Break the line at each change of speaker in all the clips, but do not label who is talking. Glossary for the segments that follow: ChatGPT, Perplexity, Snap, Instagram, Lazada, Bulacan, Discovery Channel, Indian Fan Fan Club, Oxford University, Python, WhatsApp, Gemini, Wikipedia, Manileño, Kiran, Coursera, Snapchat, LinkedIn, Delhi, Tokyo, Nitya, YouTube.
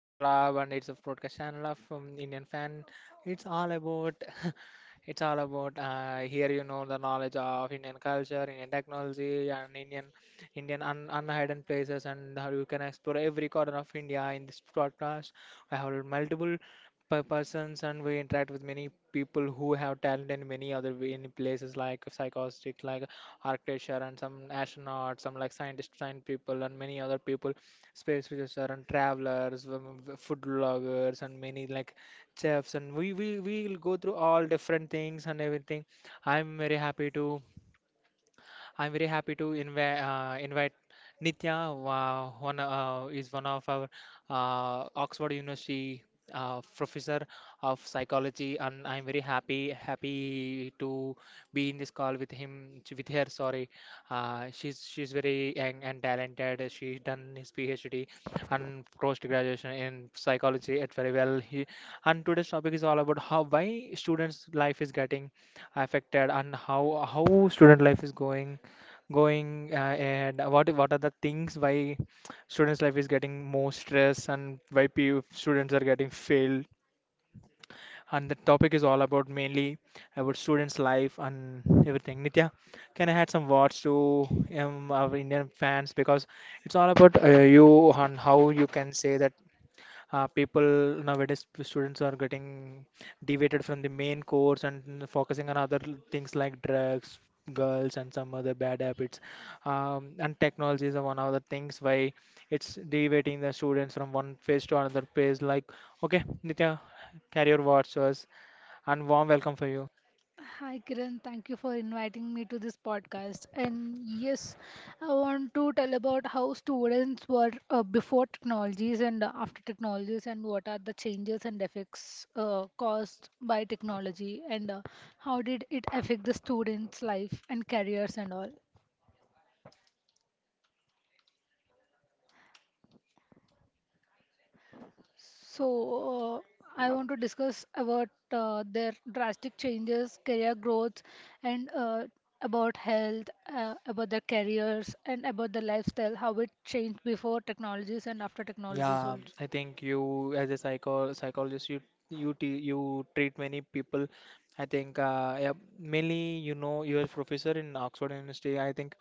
Fan Club, and it's a broadcast channel of Indian Fan. It's all about it's all about here the knowledge of Indian culture, Indian technology, and Indian Indian un unhidden places, and how you can explore every corner of India in this podcast. I have multiple persons, and we interact with many people who have talent in many in places like psychostics, like architecture, and some astronauts, some like scientist, science people, and many other people, space researchers and travelers, food bloggers, and many like chefs. And we will go through all different things and everything. I'm very happy to I'm very happy to invite Nitya, one is one of our Oxford University professor of psychology, and I'm very happy to be in this call with him with her. Sorry, she's very young and talented. She's done his PhD and post graduation in psychology at very well. He, and today's topic is all about how why students' life is getting affected, and how student life is going, and what are the things why students life is getting more stress, and why PU students are getting failed, and the topic is all about mainly about students life and everything. Nitya, can I add some words to our Indian fans? Because it's all about you and how you can say that people nowadays, students are getting deviated from the main course and focusing on other things like drugs, girls, and some other bad habits. And technology is one of the things why it's deviating the students from one phase to another phase. Like, okay, Nitya, carry your watchers and warm welcome for you.
Hi Kiran, thank you for inviting me to this podcast. And yes, I want to tell about how students were before technologies and after technologies, and what are the changes and effects caused by technology, and how did it affect the students' life and careers and all. So, uh, I want to discuss about their drastic changes, career growth, and about health, about their careers, and about the lifestyle, how it changed before technologies and after technologies
Yeah,
also.
I think you, as a psychologist, you te you treat many people. I think, yeah, mainly, you know, you're a professor in Oxford University. I think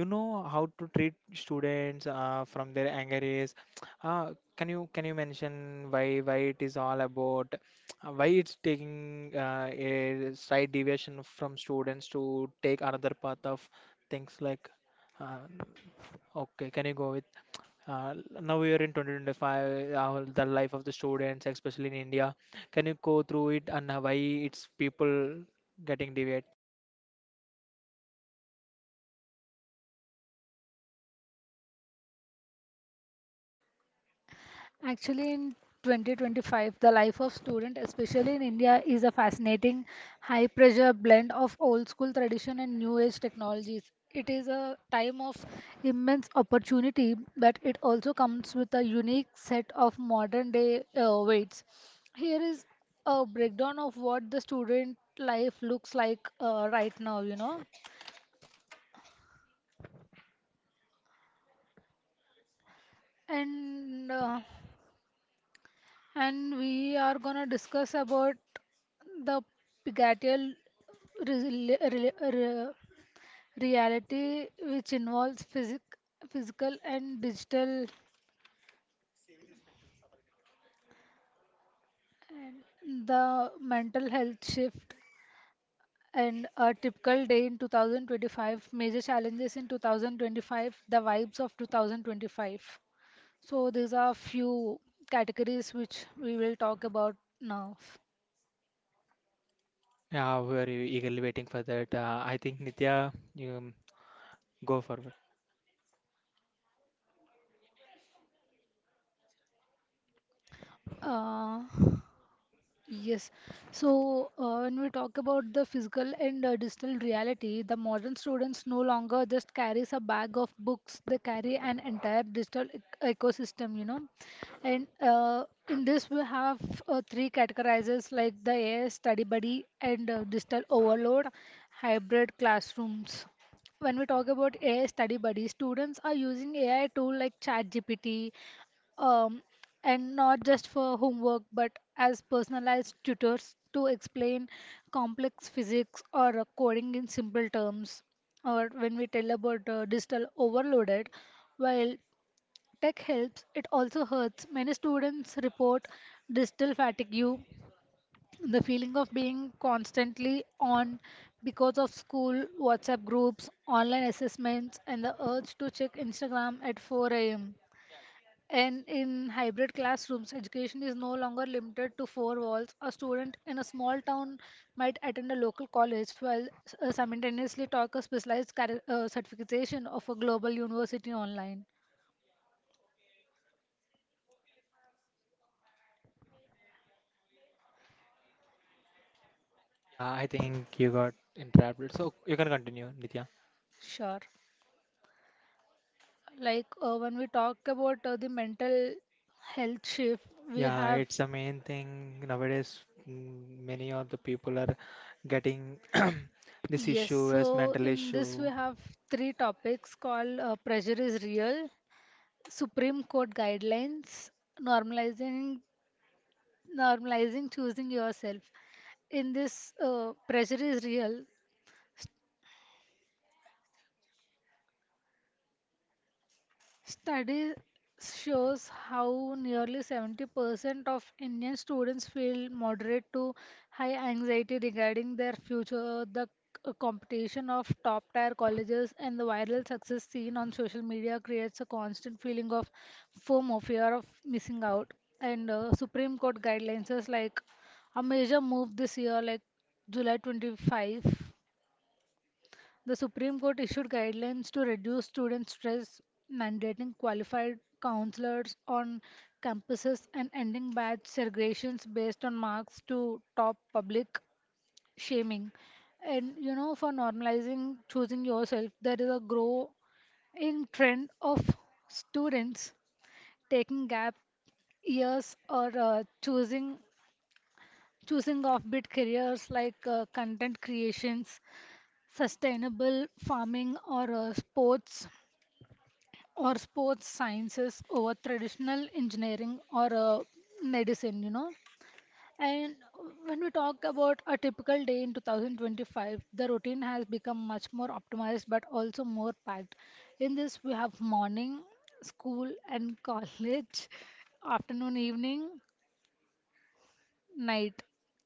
you know how to treat students from their anger is. Can you mention why it is all about why it's taking a slight deviation from students to take another path of things like, uh, okay, can you go with? Uh, now we are in 2025, the life of the students, especially in India. Can you go through it and, why it's people getting deviate?
Actually, in 2025, the life of student, especially in India, is a fascinating, high-pressure blend of old-school tradition and new-age technologies. It is a time of immense opportunity, but it also comes with a unique set of modern-day weights. Here is a breakdown of what the student life looks like right now. And uh, and we are going to discuss about the Pigatial re- re- re- reality, which involves physical and digital, the mental health shift, and a typical day in 2025, major challenges in 2025, the vibes of 2025. So, these are few categories which we will talk about now.
Yeah, we're eagerly waiting for that. I think, Nitya, you go forward.
Uh, Yes. So, when we talk about the physical and digital reality, the modern students no longer just carries a bag of books, they carry an entire digital ecosystem, you know. And in this, we have three categorizers like the AI study buddy and digital overload, hybrid classrooms. When we talk about AI study buddy, students are using AI tool like ChatGPT, Um and not just for homework but as personalized tutors to explain complex physics or coding in simple terms. Or when we tell about digital overloaded, while tech helps, it also hurts. Many students report digital fatigue, the feeling of being constantly on because of school, WhatsApp groups, online assessments, and the urge to check Instagram at 4 a.m. And in hybrid classrooms, education is no longer limited to four walls. A student in a small town might attend a local college while simultaneously talk a specialized certification of a global university online.
Yeah, I think you got interrupted. So you can continue, Nitya.
Sure. Like when we talk about the mental health shift, we
Yeah,
have,
it's the main thing nowadays. Many of the people are getting this
yes,
issue as
so
mental
in this we
issue.
have three topics called Pressure is Real, Supreme Court Guidelines, Normalizing normalizing choosing yourself. In this pressure is real, study shows how nearly 70% of Indian students feel moderate to high anxiety regarding their future. The competition of top tier colleges and the viral success seen on social media creates a constant feeling of FOMO, fear of missing out. And Supreme Court guidelines is like a major move this year, like July 25. The Supreme Court issued guidelines to reduce student stress, mandating qualified counselors on campuses and ending batch segregations based on marks to top public shaming. And you know, for normalizing choosing yourself, there is a growing trend of students taking gap years or choosing offbeat careers like content creations, sustainable farming, or sports or sports sciences over traditional engineering or medicine, you know. And when we talk about a typical day in 2025, the routine has become much more optimized but also more packed. In this, we have morning, school, and college, afternoon, evening, night.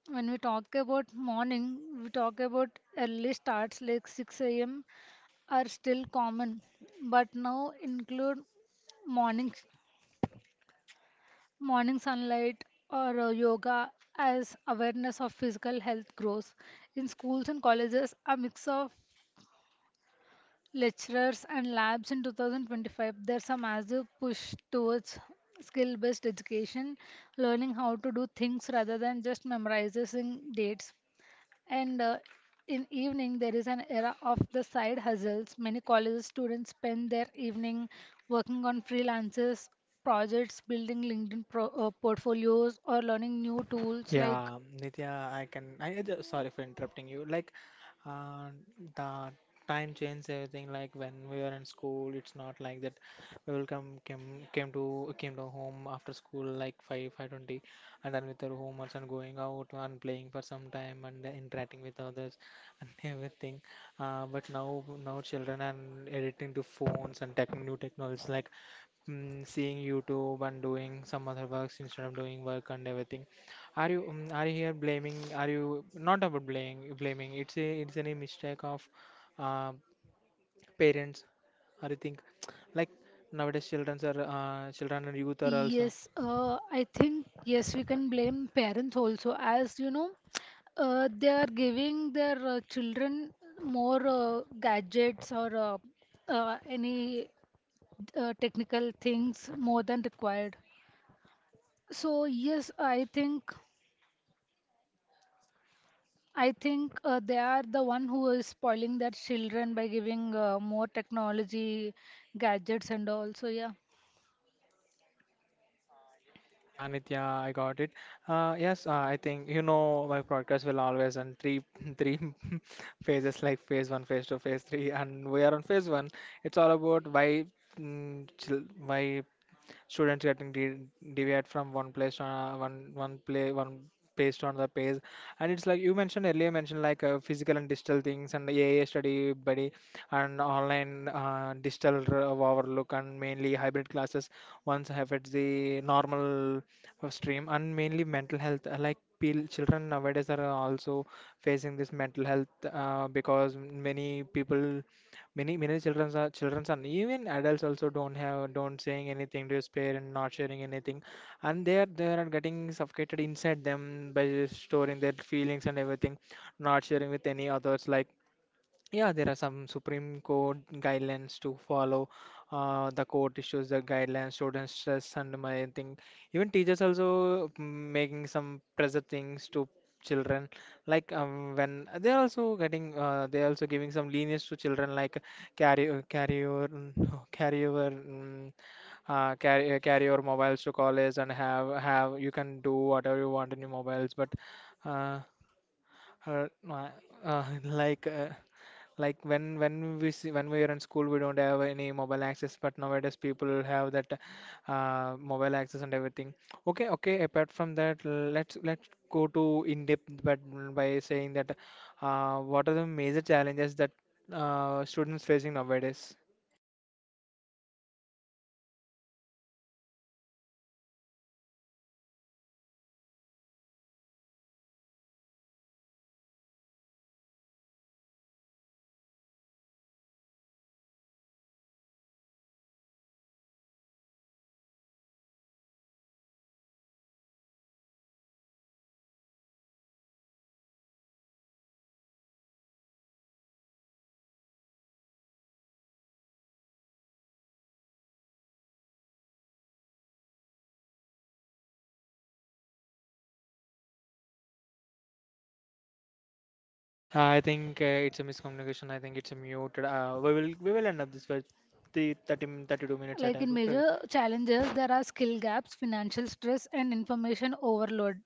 When we talk about morning, we talk about early starts like 6 a.m. are still common, but now include morning morning sunlight or yoga as awareness of physical health grows. In schools and colleges, a mix of lectures and labs in 2025, there's a massive push towards skill based education, learning how to do things rather than just memorizing dates. And in evening, there is an era of the side hustles. Many college students spend their evening working on freelances, projects, building LinkedIn pro portfolios, or learning new tools like.
Yeah, Nitya, I can. I sorry for interrupting you. Like, uh, the time changed everything. Like, when we were in school, it's not like that. We will come came came to came to home after school like 5 5:20, and then with our homeworks and going out and playing for some time and interacting with others and everything. But now children are addicting to phones and tech, new technologies, like, mm, seeing YouTube and doing some other works instead of doing work and everything. Are you, are you here blaming? Are you not about blaming? Blaming, it's a it's any mistake of, uh, parents. Or you think like, nowadays children are, children and youth are also.
Yes, I think yes, we can blame parents also. As you know, they are giving their children more gadgets or any technical things more than required. So yes, I think. I think they are the one who is spoiling their children by giving more technology, gadgets, and all. So, yeah.
Yeah, Nitya, I got it. Yes, I think, you know, my podcast will always on three three phases like phase one, phase two, phase three, and we are on phase one. It's all about why, why students getting deviate from one place, uh, one based on the page. And it's like you mentioned, earlier mentioned, like, physical and digital things and AI study buddy and online, digital overlook, and mainly hybrid classes once affects the normal, stream, and mainly mental health, like, children nowadays are also facing this mental health, because many people, many childrens are childrens, and even adults also don't saying anything to his parent, not sharing anything, and they are getting suffocated inside them by just storing their feelings and everything, not sharing with any others. Like, yeah, there are some Supreme Court guidelines to follow. The court issues the guidelines, students stress, and my thing. Even teachers also, making some pressure things to children. Like, when they are also getting, they are also giving some lenience to children, like carry, carry your carry your, carry your mobiles to college, and have you can do whatever you want in your mobiles. But, uh, uh, like. Like, when we see, when we were in school, we don't have any mobile access, but nowadays people have that, mobile access and everything. Okay, okay, apart from that, let's go to in depth. But by saying that, what are the major challenges that, students facing nowadays? I think, it's a miscommunication. I think it's a muted. Uh, we will end up this for the 32 minutes
Like in
attack. Okay.
major challenges, there are skill gaps, financial stress, and information overload.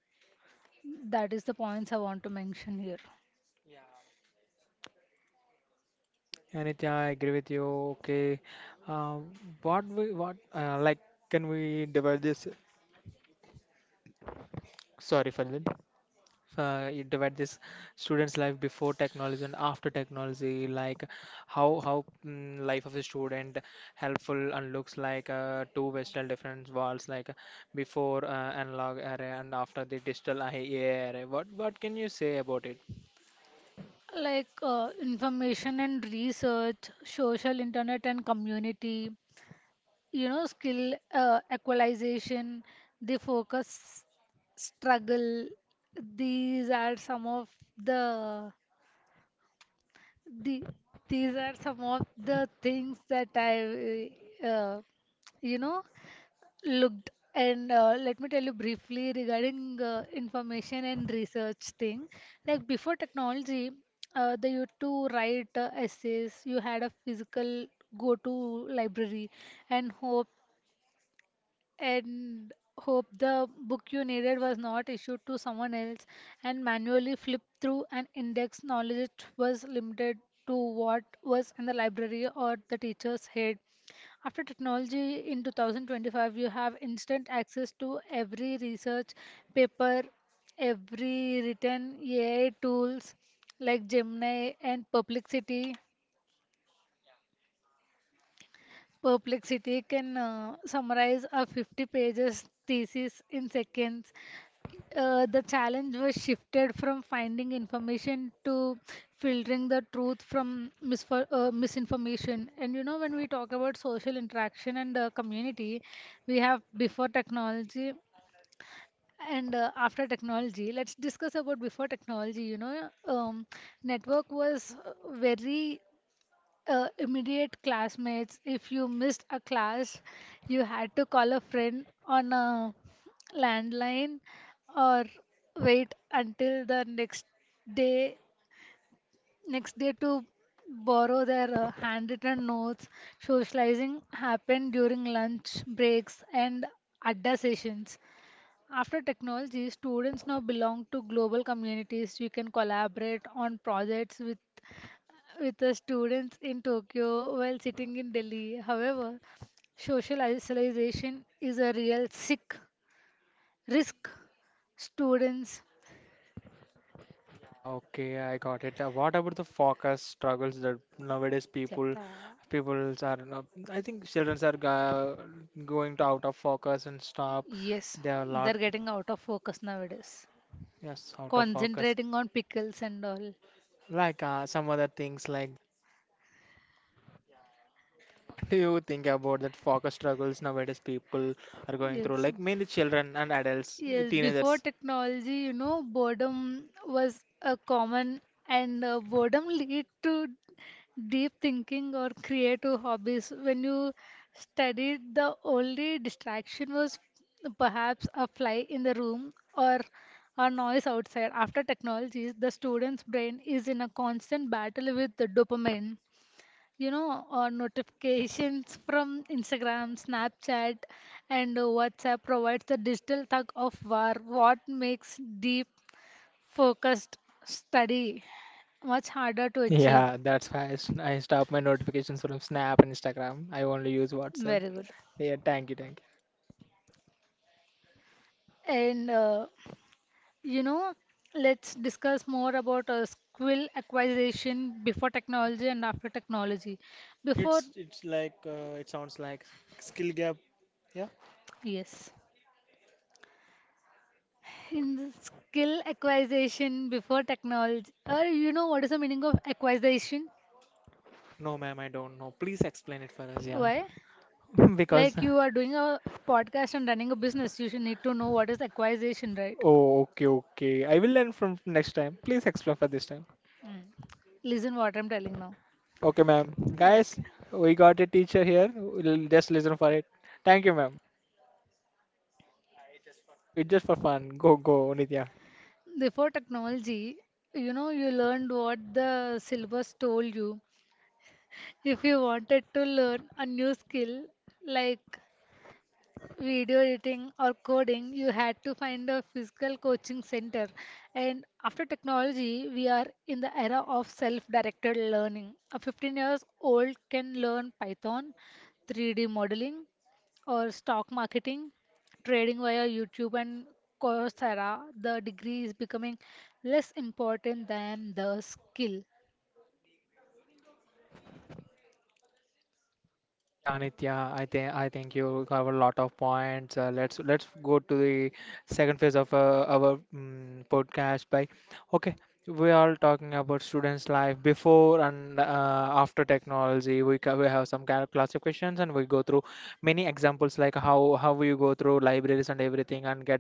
That is the points I want to mention here.
Anything, I agree with you. Okay, uh, what we what, like, can we divide this? Sorry, Falvin. You divide this student's life before technology and after technology. Like, how mm, life of a student helpful and looks like, two vastly different worlds. Like, before, analog era and after the digital AI era. What can you say about it?
Like information and research, social internet and community, you know, skill equalization, the focus struggle. These are some of the The, these are some of the things that I, uh, you know, looked. And let me tell you briefly regarding information and research thing. Like before technology, they used to write essays. You had a physical go to library and and hope the book you needed was not issued to someone else and manually flip through an index. Knowledge was limited to what was in the library or the teacher's head. After technology in 2025, you have instant access to every research paper, every written AI tools like Gemini and perplexity can summarize a 50 pages thesis in seconds. The challenge was shifted from finding information to filtering the truth from misinformation. And you know, when we talk about social interaction and community, we have before technology and after technology. Let's discuss about before technology. You know, network was very immediate classmates. If you missed a class, you had to call a friend on a landline or wait until the day next day to borrow their handwritten notes. Socializing happened during lunch breaks and adda sessions. After technology, students now belong to global communities. You can collaborate on projects with the students in Tokyo while sitting in Delhi. However, social isolation is a real sick risk. Students
Yeah, okay, I got it. What about the focus struggles that nowadays people,
చెప్తావా?
people are not, I think children are go, going to out of focus and stop.
Yes,
There are a
they're
lot,
getting out of focus nowadays,
yes, out of focus.
concentrating on pickles and all.
Like, some other things like, what do you think about that focus struggles nowadays people
Are.
are going through?
Yes.
Like, mainly children and
Yes,
adults,
deal with. Before
teenagers.
technology, you know, boredom was a common, and boredom lead to deep thinking or creative hobbies. When you studied, the only distraction was perhaps a fly in the room or a noise outside. After technologies, the student's brain is in a constant battle with the dopamine, you know, notifications from Instagram, Snapchat, and WhatsApp provides the digital tug of war. What makes deep, focused study much harder to achieve?
Yeah, that's why I, I stop my notifications from Snap and Instagram. I only use WhatsApp.
Very good.
Yeah, thank you, thank you.
And you know, let's discuss more about skill acquisition before technology and after technology. Before,
It's like, it sounds like skill gap. Yeah.
yes, in the skill acquisition before technology, or you know, what is the meaning of acquisition?
No, ma'am, I don't know. Please explain it for us. Yeah.
Why?
Because.
Like you are doing a podcast and running a business, you should need to know what is acquisition, right?
Oh, okay, okay. I will learn from next time. Please explain for this time.
Mm. Listen what I'm telling now.
Okay, ma'am. Guys,
Okay.
we got a teacher here. We'll just listen for it. Thank you, ma'am. It's just for fun. Go, go, Nitya.
Before technology, you know, you learned what the syllabus told you. If you wanted to learn a new skill, like video editing or coding, you had to find a physical coaching center. And after technology, we are in the era of self directed learning. A 15 years old can learn Python, 3D modeling, or stock marketing, trading via YouTube and Coursera. The degree is becoming less important than the skill.
Yeah, Nitya, I think you cover a lot of points. Let's go to the second phase of, our, podcast. By, okay, we are talking about students' life before and, after technology. We have some kind of classifications, and we go through many examples like how we go through libraries and everything and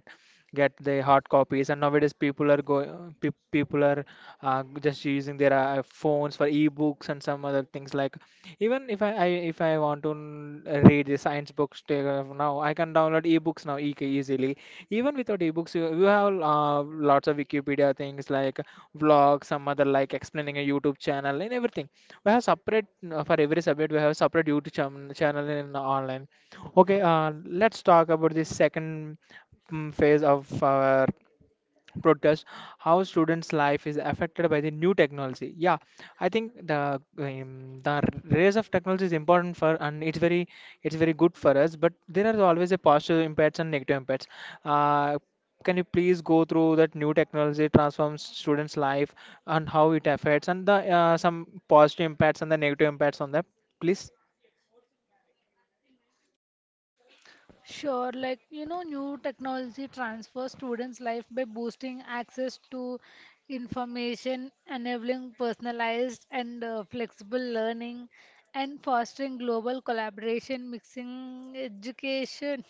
get the hard copies. And nowadays people are, just using their, phones for ebooks and some other things. Like, even if I, I if I want to read the science books, now I can download ebooks now, easily. Even without ebooks, you have, lots of Wikipedia things, like vlogs, some other, like explaining a YouTube channel and everything. We have separate, for every subject, we have a separate YouTube channel in online. Okay, let's talk about the second, phase of our broadcast, how students' life is affected by the new technology. Yeah, I think the, the rise of technology is important for, and it's very, it's very good for us. But there are always a positive impacts and negative impacts. Uh, can you please go through that new technology transforms students' life and how it affects, and the, some positive impacts and the negative impacts on that, please?
Sure, like you know, new technology transfers students' life by boosting access to information, enabling personalized and flexible learning, and fostering global collaboration, mixing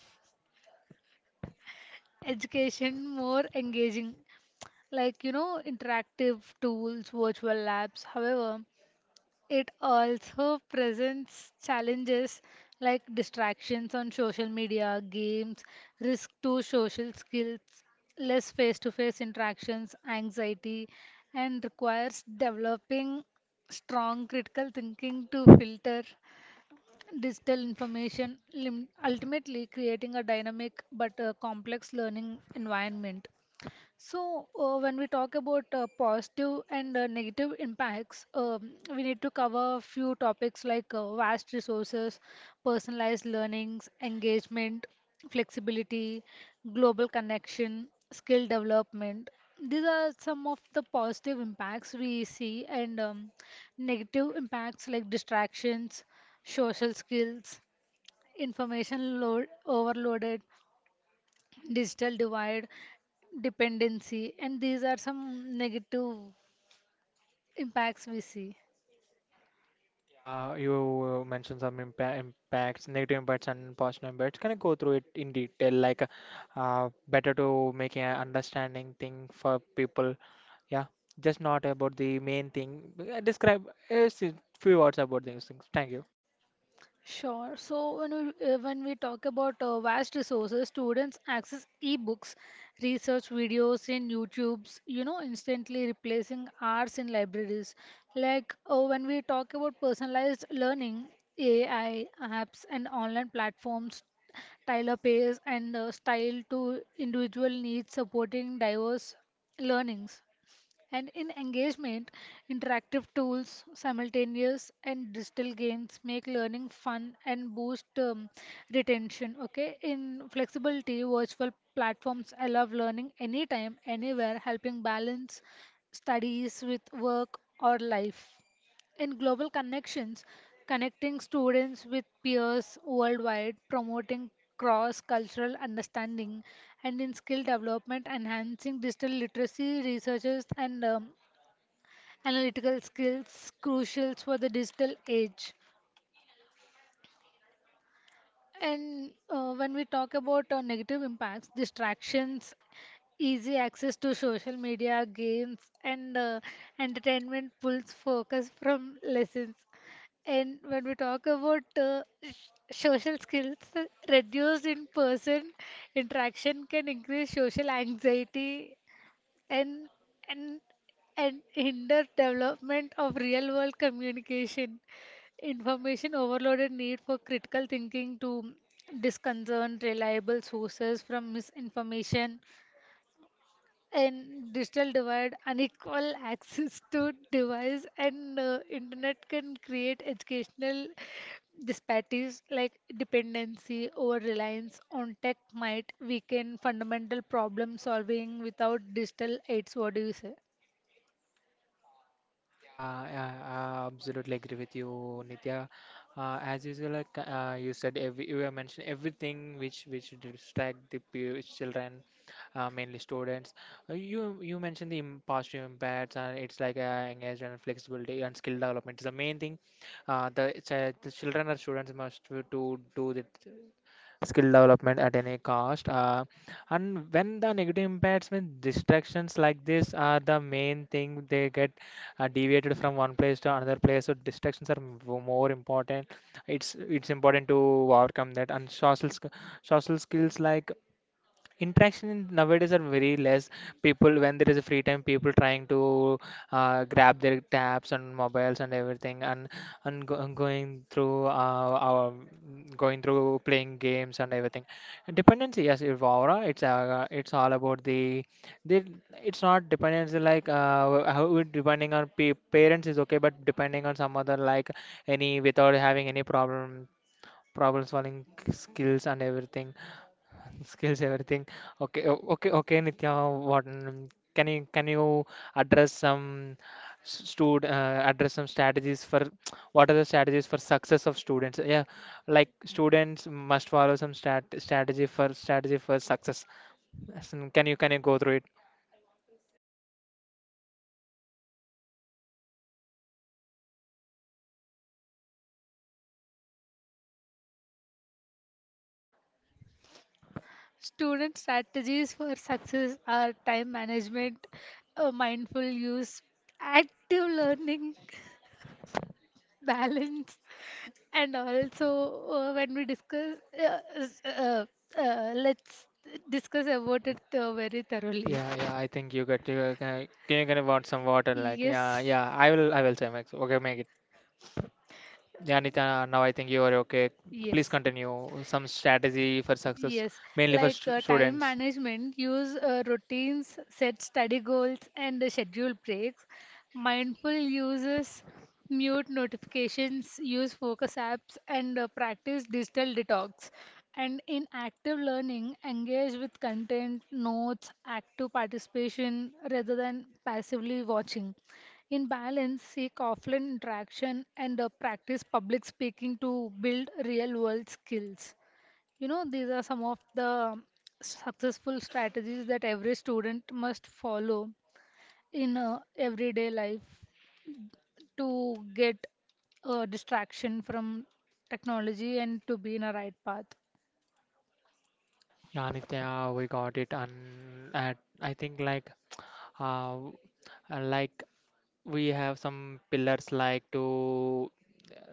education more engaging, like you know, interactive tools, virtual labs. However, it also presents challenges like distractions on social media, games, risk to social skills, less face to face interactions, anxiety, and requires developing strong critical thinking to filter digital information, ultimately creating a dynamic but a complex learning environment. So, when we talk about positive and negative impacts, we need to cover a few topics like vast resources, personalized learnings, engagement, flexibility, global connection, skill development. These are some of the positive impacts we see, and negative impacts like distractions, social skills, information load overloaded, digital divide, dependency, and these are some negative impacts we see.
Yeah, you, mentioned some impacts, negative impacts, and positive impacts. Can you go through it in detail? Like, better to make an understanding thing for people. Yeah, just not about the main thing. Describe a few words about these things. Thank you.
Sure. So when we talk about vast resources, students access e-books, research videos in YouTube's, you know, instantly replacing hours in libraries. Like when we talk about personalized learning, AI apps and online platforms tailor pace and style to individual needs, supporting diverse learnings. And in engagement, interactive tools, simultaneous and digital games make learning fun and boost retention. Okay, in flexibility, virtual platforms allow learning anytime, anywhere, helping balance studies with work or life. In global connections, connecting students with peers worldwide, promoting cross cultural understanding, and in skill development, enhancing digital literacy, researchers, and analytical skills crucial for the digital age. And when we talk about negative impacts, distractions, easy access to social media, games, and entertainment pulls focus from lessons. And when we talk about social skills, reduced in person interaction can increase social anxiety and and and hinder development of real world communication. Information overloaded need for critical thinking to disconcern reliable sources from misinformation and digital divide, unequal access to device and internet can create educational disparities like dependency or reliance on tech might weaken fundamental problem solving without digital aids. What do you say?
Yeah, yeah, I absolutely agree with you, Nitya. As usual, like, you said, every, you have mentioned everything which distract the children, mainly students. You mentioned the positive impacts, and it's like, engagement, flexibility, and skill development is the main thing. The it's, the children or students must to do the skill development at any cost. And when the negative impacts mean distractions like this are the main thing, they get, deviated from one place to another place. So distractions are more important. It's important to overcome that. And social skills like nowadays are very less people. When there is a free time, people trying to grab their tabs and mobiles and everything, and going through playing games and everything, and dependency. Yes, Evora, it's all about the they it's not dependency like how it depending on parents is okay, but depending on some other like any, without having any problem solving skills and everything. Okay, okay, Nitya. what mm, can you address some stud address some strategies for what are the strategies for success of students? Yeah, like students must follow some stat strategy for strategy for success. As in, can you go through it?
Student strategies for success are time management, mindful use, active learning, balance, and also, uh, let's discuss about it very thoroughly.
Yeah, I think you get you, can you can want some water? Like, yeah,
Yes.
yeah, I will say max. Okay, make it. Yeah, Nitya, now I think you are okay. Please
Yes.
continue. Some strategy for success,
Yes,
mainly for
like time
students.
management, use routines, set study goals, and schedule breaks. Mindful uses, mute notifications, use focus apps, and practice digital detox. And in active learning, engage with content, notes, active participation rather than passively watching. In balance, seek offline interaction and practice public speaking to build real world skills. You know, these are some of the successful strategies that every student must follow in everyday life to get a distraction from technology and to be in a right path.
Yeah, Nitya, we got it. And at, I think like uh, like we have some pillars like to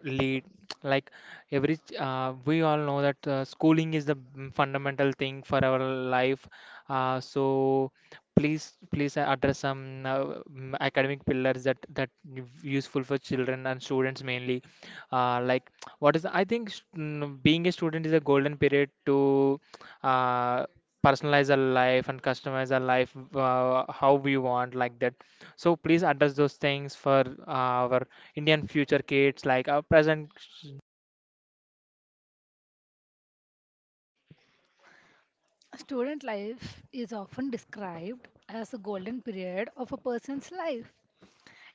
lead, like we all know that schooling is the fundamental thing for our life. So please address some academic pillars that useful for children and students mainly. Uh, like what is, I think, being a student is a golden period to uh, personalize our life and customize our life, how we want, like that. So please address those things for our Indian future kids, like our present.
Student life is often described as the golden period of a person's life.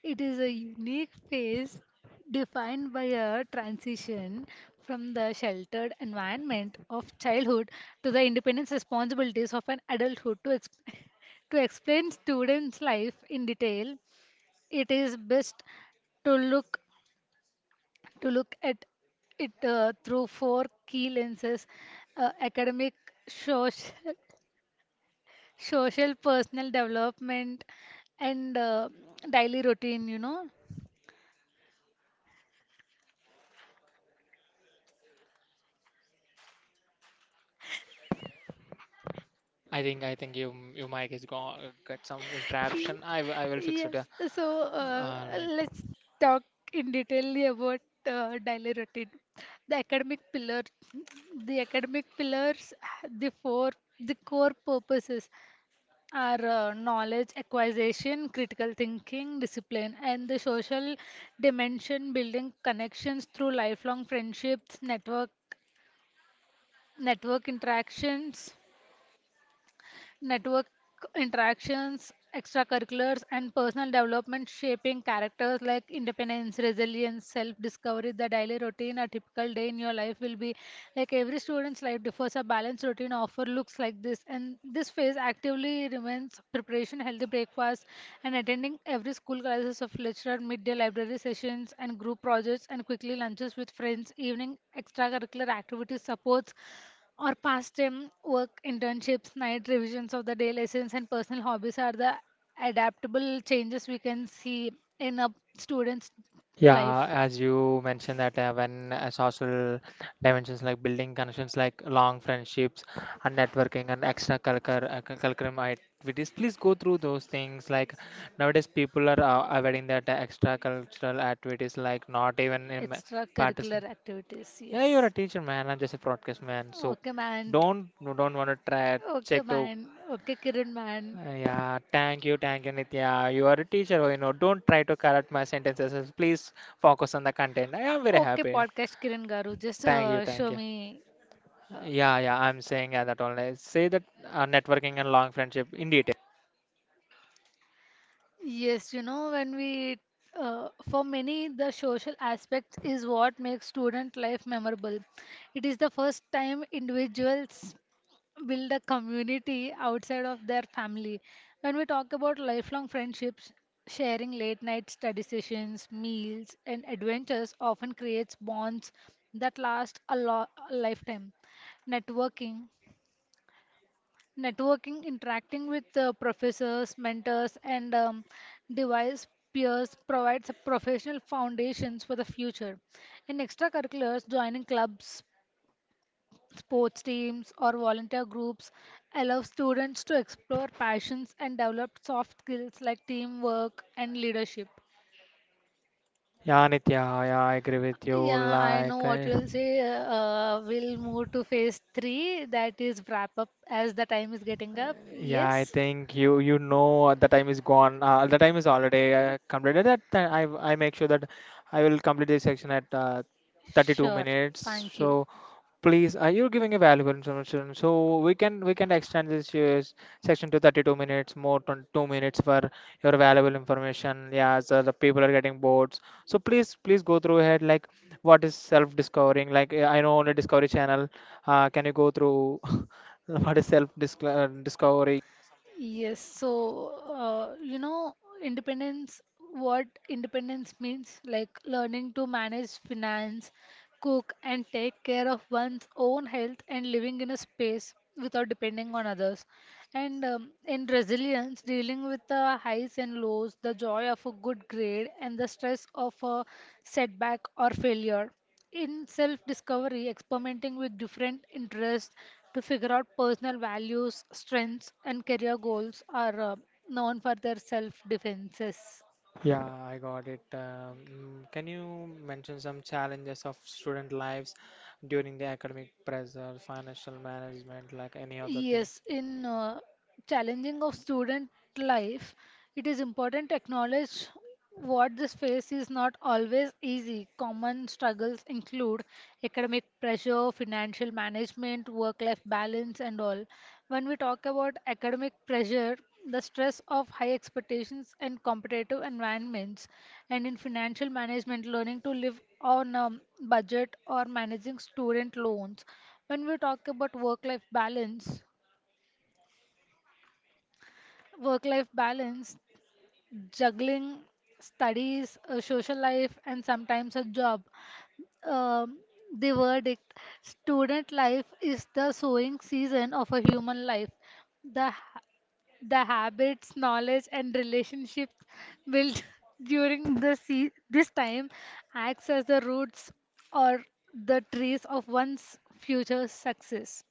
It is a unique phase defined by a transition from the sheltered environment of childhood to the independent responsibilities of an adulthood. To explain students' life in detail, it is best to look to look at it through four key lenses: academic, social, social, personal development, and daily routine. You know.
I think you, your mic is gone, got some
Y-
interruption. I will fix it.
Yes, so uh,
Uh, like
let's talk in detail about daily routine. The academic pillar, the academic pillars, the four, the core purposes are knowledge acquisition, critical thinking, discipline, and the social dimension, building connections through lifelong friendships, network interactions, network interactions, extracurriculars, and personal development shaping characters like independence, resilience, self discovery, the daily routine, a typical day in your life will be like every student's life differs. A balanced routine offer looks like this, and this phase actively remains preparation, healthy breakfast, and attending every school classes of lecture, midday library sessions, and group projects, and quickly lunches with friends, evening extracurricular activities supports or past time work, internships, night revisions of the day lessons, and personal hobbies are the adaptable changes we can see in a student's
yeah,
life.
as you mentioned that when social dimensions like building connections like long friendships and networking and extracurricular curriculum activities. Please go through those things. Like nowadays, people are avoiding that extracurricular activities. Like not even in participate.
Extracurricular activities,
Yeah, you're
yes.
a teacher, man. I'm just a broadcast man. So
Okay, man.
don't, no, don't want to try
Okay,
check to.
man. Okay, Kiran, man.
Yeah, thank you, Nitya. You are a teacher, you know. Don't try to correct my sentences. Please focus on the content. I am very
Okay,
happy.
podcast Kiran Garu, just
Thank you, thank
show
you.
me. Uh,
Yeah, yeah, I'm saying yeah, that only. Say that networking and long friendship. Indeed.
yes, you know, for many, the social aspect is what makes student life memorable. It is the first time individuals build a community outside of their family. When we talk about lifelong friendships, sharing late night study sessions, meals, and adventures often creates bonds that last a lifetime. Networking, networking, interacting with professors, mentors, and device peers provides a professional foundations for the future. In extracurriculars, joining clubs, sports teams or volunteer groups allow students to explore passions and develop soft skills like teamwork and leadership.
Yeah, Nitya, yeah, I agree with you.
Yeah, I know
Like,
what
I...
you'll say. We'll move to phase three, that is wrap up as the time is getting up.
Yeah, I
Yes,
think you, you know the time is gone. The time is already completed. That ti- I make sure that I will complete this section at 32
sure.
minutes.
Thank you.
So please, you're giving a valuable information. So we can extend this section to 32 minutes, more than 2 minutes for your valuable information. Yeah, so the people are getting bored. So please please go through ahead. Like what is self-discovering? Like, I know on the Discovery Channel. Can you go through? What is self discovery?
Yes, so you know, independence, what independence means, like learning to manage finance, cook, and take care of one's own health and living in a space without depending on others. And in resilience, dealing with the highs and lows, the joy of a good grade, and the stress of a setback or failure in self discovery, experimenting with different interests to figure out personal values, strengths, and career goals are known for their self defenses.
Yeah, I got it. Can you mention some challenges of student lives during the academic pressure, financial management, like any other
Yes,
things?
in challenging of student life, it is important to acknowledge what this phase is not always easy. Common struggles include academic pressure, financial management, work life balance, and all. When we talk about academic pressure, the stress of high expectations and competitive environments, and in financial management, learning to live on a budget or managing student loans. When we talk about work life balance, work life balance juggling studies, a social life, and sometimes a job. Um, the verdict student life is the sowing season of a human life. The, ha- the habits, knowledge, and relationships built during this time acts as the roots or the trees of one's future success.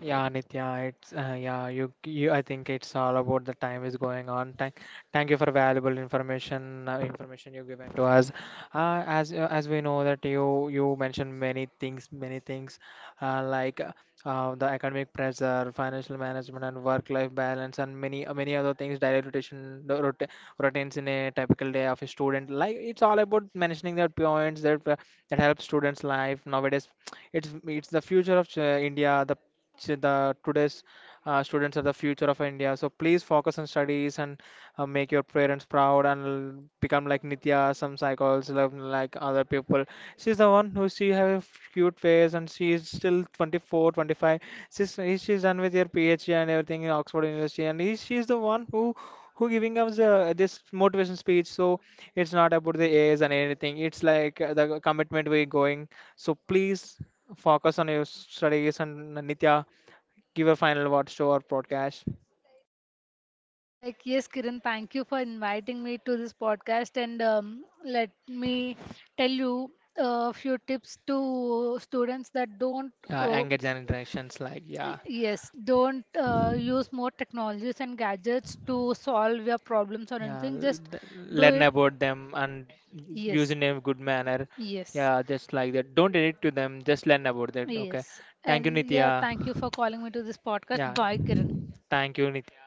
Yeah, Nitya, it's yeah, you, I think it's all about the time is going on. Thank you for valuable information, information you given to us. As we know that you mentioned many things, many things, uh, like uh, the academic pressure, financial management, and work-life balance, and many other things. Daily rotation, the routines in a typical day of a student. Like it's all about mentioning that points that that help students' life nowadays. It's the future of India. The the today's students are the future of India. So please focus on studies and make your parents proud, and become like Nitya, some cycles love like other people. She's the one who she have a cute face, and she is still 24, 25. She's done with her PhD and everything in Oxford University, and he, she's the one who giving us this motivation speech. So it's not about the A's and anything. It's like the commitment we're going. So please focus on your studies. And Nitya, give a final words to our podcast.
Like, yes, Kiran, thank you for inviting me to this podcast. And let me tell you a few tips to students that don't, uh,
Younger interactions. Like, yeah,
yes, don't use more technologies and gadgets to solve your problems or
yeah,
anything. Just do
learn
it.
about them and
Yes,
using in a good manner.
yes,
Yeah, just like that. Don't edit to them. Just learn about that. Okay.
yes.
Thank you,
And yeah,
Nitya.
thank you for calling me to this podcast.
Yeah.
Bye, Kiran.
Thank you, Nitya.